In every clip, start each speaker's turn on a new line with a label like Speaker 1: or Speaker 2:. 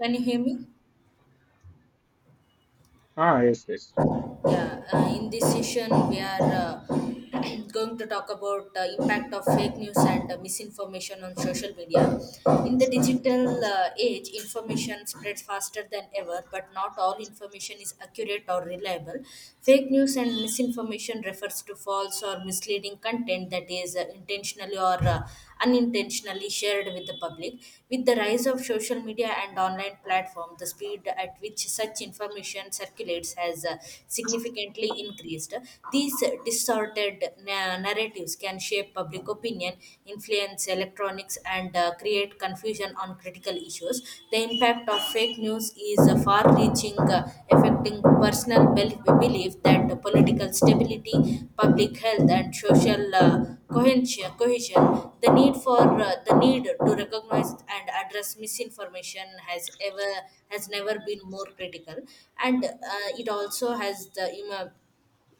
Speaker 1: Can you hear me?
Speaker 2: Ah, yes, yes.
Speaker 1: Yeah. In this session, we are going to talk about impact of fake news and misinformation on social media. In the digital age, information spreads faster than ever, but not all information is accurate or reliable. Fake news and misinformation refers to false or misleading content that is intentionally or unintentionally shared with the public. With the rise of social media and online platform, the speed at which such information circulates has significantly increased. These distorted narratives can shape public opinion, influence electronics, and create confusion on critical issues. The impact of fake news is far-reaching, affecting personal belief that political stability, public health, and social cohesion, the need to recognize and address misinformation has never been more critical, and it also has the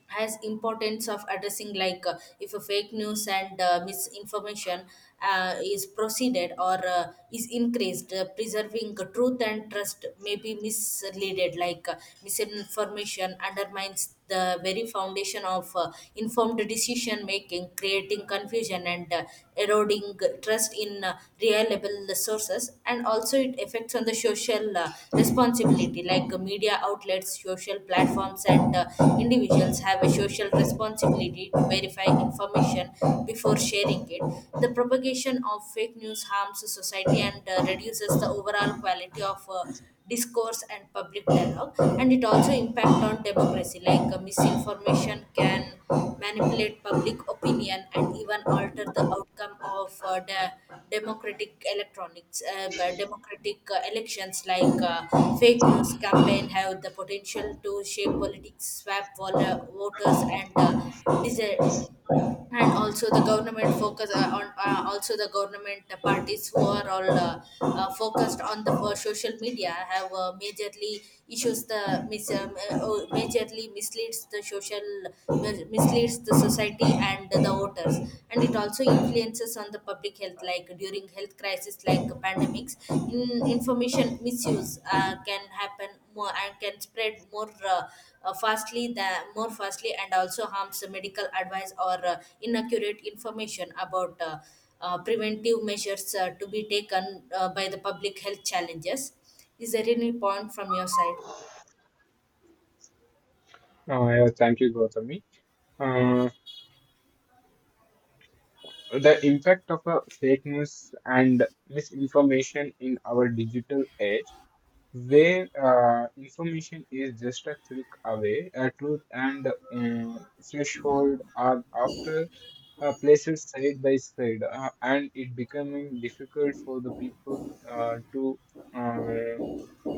Speaker 1: has importance of addressing like if a fake news and misinformation is proceeded or is increased preserving truth and trust may be misleaded like misinformation undermines the very foundation of informed decision making, creating confusion and eroding trust in reliable sources. And also it affects on the social responsibility, like media outlets, social platforms, and individuals have a social responsibility to verify information before sharing it. The propagation of fake news harms society and reduces the overall quality of discourse and public dialogue. And it also impact on democracy, like misinformation can manipulate public opinion and even alter the outcome of the democratic electronics but democratic elections. Like fake news campaign have the potential to shape politics, swap voters and and also the government focus on also the government parties who are all focused on the social media have majorly misleads the society and the voters. And it also influences on the public health, like during health crisis, like pandemics, in information misuse can happen more and can spread more fastly than more fastly, and also harms medical advice or inaccurate information about preventive measures to be taken by the public health challenges. Is there any point from your side?
Speaker 2: Yeah, thank you, Gautami. Uh, the impact of fake news and misinformation in our digital age, where information is just a click away, truth and threshold are after places side by side, and it becoming difficult for the people to. Uh,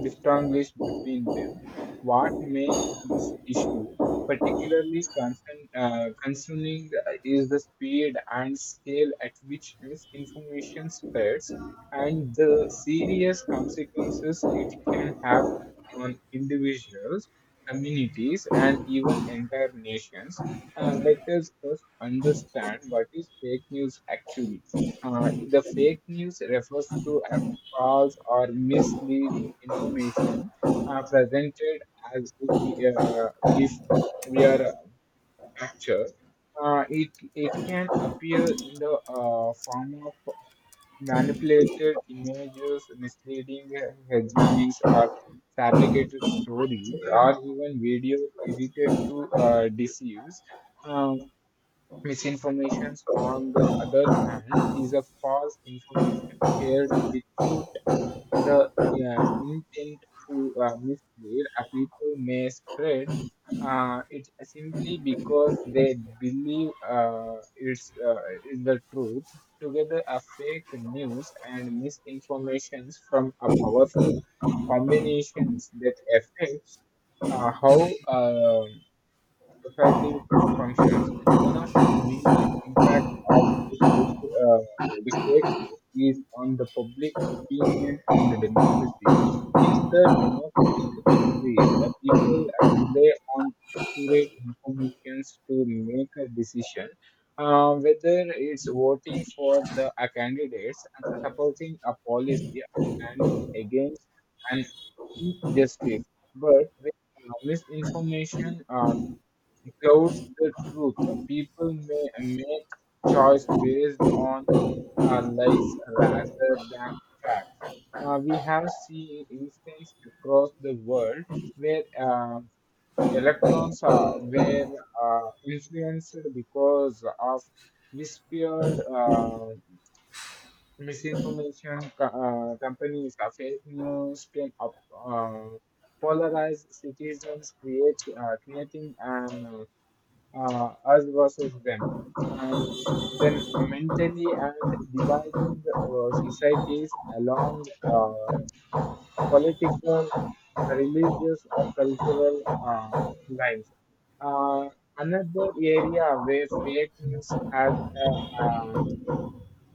Speaker 2: distinguish between them. What makes this issue particularly concerning is the speed and scale at which this information spreads and the serious consequences it can have on individuals, communities, and even entire nations. Let us first understand what is fake news actually. The fake news refers to false or misleading information are presented as if we are captured. It can appear in the form of manipulated images, misleading headlines, or fabricated stories, or even videos edited to deceive. Um, Misinformation, on the other hand, is a false information shared without the intent to mislead people may spread it simply because they believe it's the truth. Together, a fake news and misinformations from a powerful combinations that affects how. Societies functions, one of the major impact of the fake news is on the public opinion and the democracy. In the democratic countries, people rely on accurate information to make a decision. Whether it's voting for the candidates and supporting a policy, standing against an injustice, but with misinformation Clouds the truth. People may make choice based on lies rather than facts. Now, we have seen instances across the world where electrons were influenced because of whispered misinformation. Companies fake news can polarize citizens, create creating an us versus them, and then mentally and dividing societies along uh, political, religious, or cultural lines. Uh, Another area where fake news has a,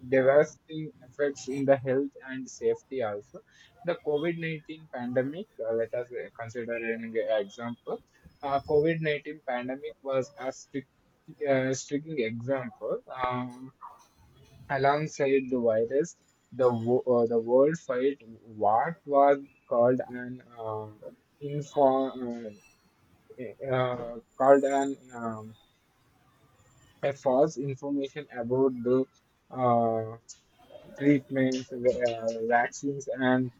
Speaker 2: devastating effects in the health and safety also. The COVID-19 pandemic, let us consider an example. COVID-19 pandemic was a striking example. Alongside the virus, the world fight what was called an uh, info, uh, called an a false information about the uh, treatments, vaccines, and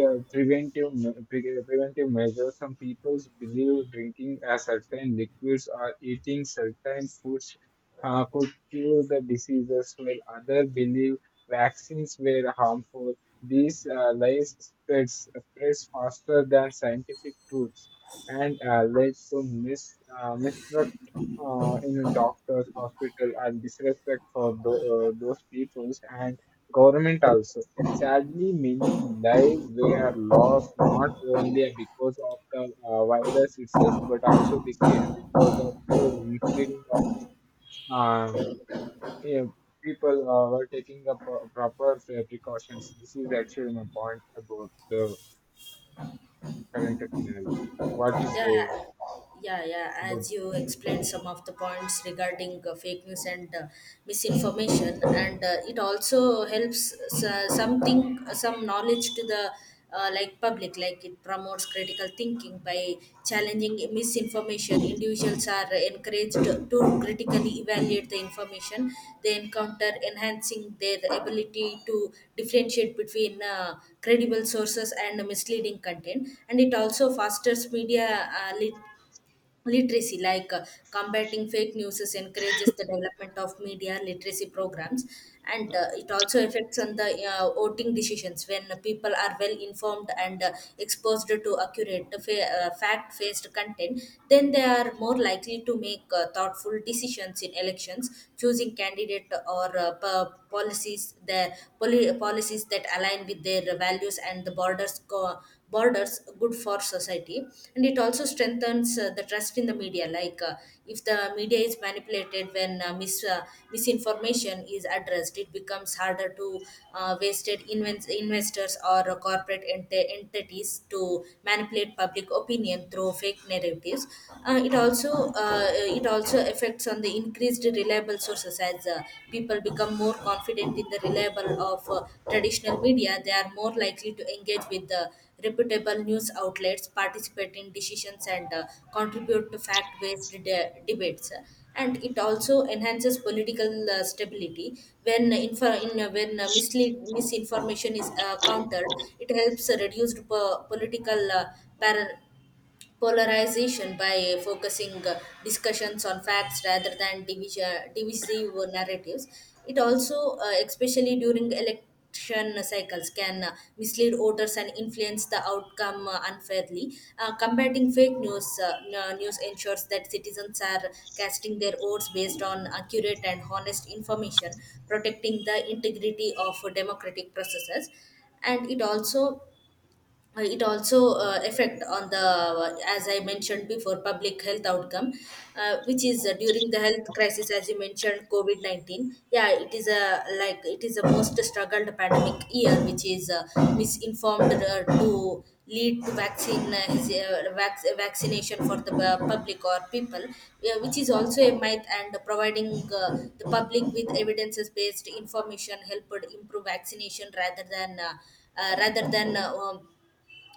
Speaker 2: preventive measures. Some people believe drinking a certain liquids or eating certain foods could cure the diseases, while others believe vaccines were harmful. These lies spreads faster than scientific truths and led to mistrust in doctors, hospital, and disrespect for those peoples. And government also. Sadly, many lives were lost not only because of the virus itself, but also because of the misleading of the, um, yeah, people were taking the proper precautions. This is actually my point about the current scenario. What you
Speaker 1: Yeah,
Speaker 2: say
Speaker 1: yeah, yeah. As
Speaker 2: about?
Speaker 1: you explained some of the points regarding fake news and misinformation, and it also helps something, some knowledge to the like public. Like it promotes critical thinking by challenging misinformation. Individuals are encouraged to critically evaluate the information they encounter, enhancing their ability to differentiate between credible sources and misleading content. And it also fosters media literacy. Like combating fake news encourages the development of media literacy programs, and it also affects on the voting decisions. When people are well informed and exposed to accurate fact based content, then they are more likely to make thoughtful decisions in elections, choosing candidate or policies, the policies that align with their values and the borders good for society. And it also strengthens the trust in the media. Like if the media is manipulated, when misinformation is addressed, it becomes harder to wasted investors or corporate entities to manipulate public opinion through fake narratives. Uh, it also uh, it also affects on the increased reliable sources. As people become more confident in the reliable of traditional media, they are more likely to engage with the reputable news outlets, participate in decisions and contribute to fact-based debates. And it also enhances political stability. When misinformation is countered, it helps reduce political par- polarization by focusing discussions on facts rather than divisive narratives. It also, especially during election cycles, can mislead voters and influence the outcome unfairly. Combating fake news news ensures that citizens are casting their votes based on accurate and honest information, protecting the integrity of democratic processes. And it also affect on the as I mentioned before, public health outcome, which is during the health crisis. As you mentioned, covid-19, yeah, it is a like it is a most struggled pandemic year, which is misinformed to lead to vaccine vaccination for the public or people, yeah, which is also a myth. And providing the public with evidences based information helped improve vaccination rather than uh, rather than uh, um,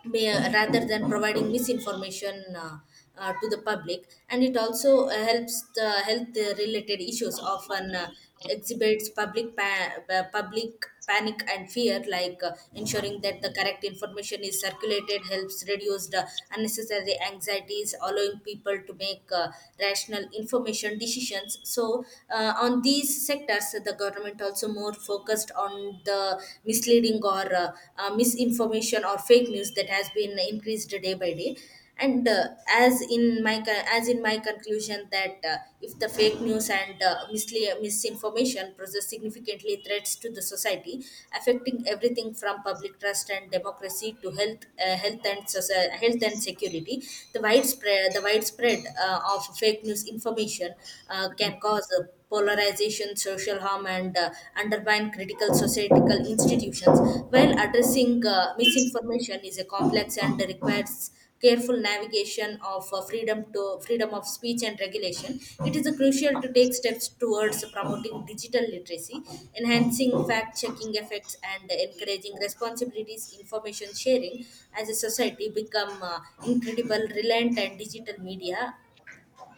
Speaker 1: rather than providing misinformation to the public. And it also helps the health related issues often exhibits public public panic and fear. Like ensuring that the correct information is circulated helps reduce the unnecessary anxieties, allowing people to make rational information decisions. So on these sectors, the government also more focused on the misleading or misinformation or fake news that has been increased day by day. And as in my conclusion that if the fake news and misinformation poses significantly threats to the society, affecting everything from public trust and democracy to health health and security. The widespread of fake news information can cause a polarization, social harm, and undermine critical societal institutions, while addressing misinformation is a complex and requires careful navigation of freedom of speech and regulation. It is crucial to take steps towards promoting digital literacy, enhancing fact checking effects and encouraging responsibilities information sharing. As a society become incredible reliant on digital media,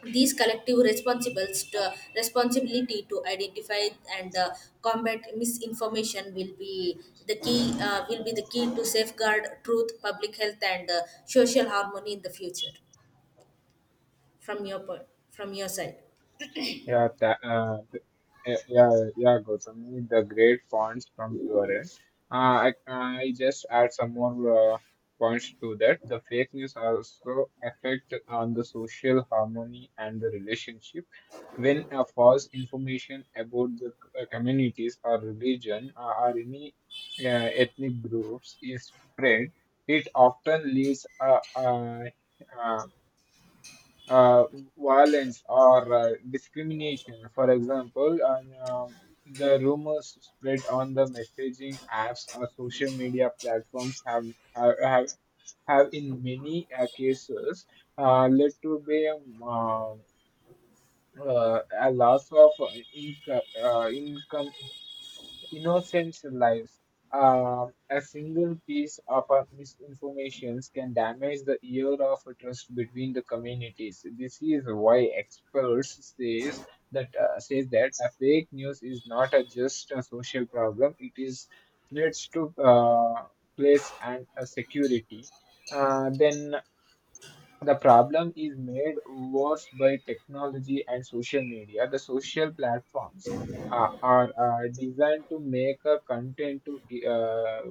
Speaker 1: these collective responsibility to identify and combat misinformation will be the key will be the key to safeguard truth, public health and social harmony in the future. From your point, from your side.
Speaker 2: Yeah, tha- uh, th- eh, yeah, yeah, Gautam, the great points from your end. I just add some more points to that. The fake news also affect on the social harmony and the relationship. When a false information about the communities or religion or any uh, ethnic groups is spread, it often leaves a uh, violence or discrimination. For example, the rumors spread on the messaging apps or social media platforms have, have, have in many cases led to the um, a loss of income, innocent lives. A single piece of misinformation can damage the year of trust between the communities. This is why experts says that a fake news is not a just a social problem. It is threats to place and security. Then the problem is made worse by technology and social media. The social platforms are designed to make a content to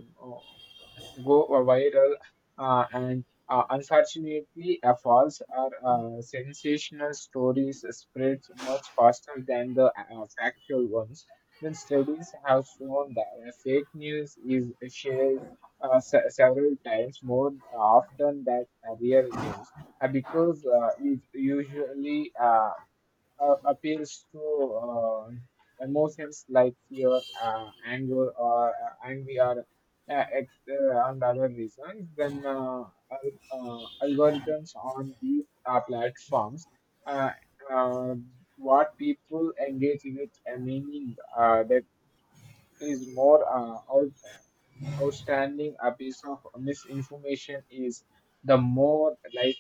Speaker 2: go viral, and unfortunately, false or sensational stories spreads much faster than the factual ones. Then studies have shown that fake news is shared several times more often than real news because it usually appeals to uh, emotions like fear, anger, or envy, and other reasons, then algorithms on these platforms, uh, uh, what people engage with a meaning that is more outstanding a piece of misinformation is the more like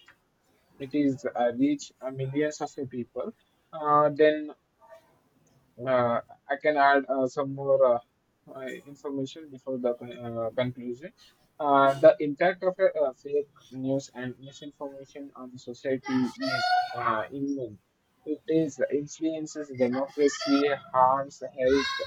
Speaker 2: it is reach millions of people then uh, I can add some more uh, information before the conclusion. The impact of fake news and misinformation on the society is immense. It is influences democracy, harms health,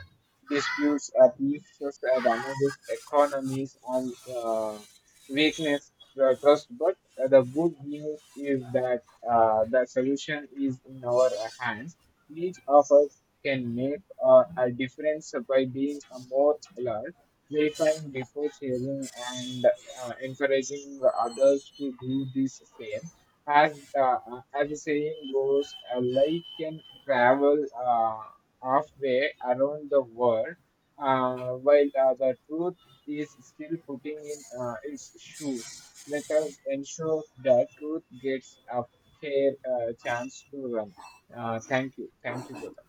Speaker 2: disputes, abuses, damages economies, and weakness trust. But the good news is that the solution is in our hands. Each of us can make a difference by being more alert, verifying before sharing, and encouraging others to do the same. As the saying goes, a light can travel halfway around the world, while the truth is still putting in its shoe. Let us ensure that truth gets a fair chance to run. Thank you. Thank you, Gautam.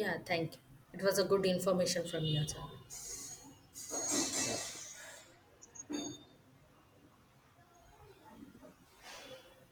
Speaker 1: Yeah, thank you. It was a good information from your side.
Speaker 2: Yeah.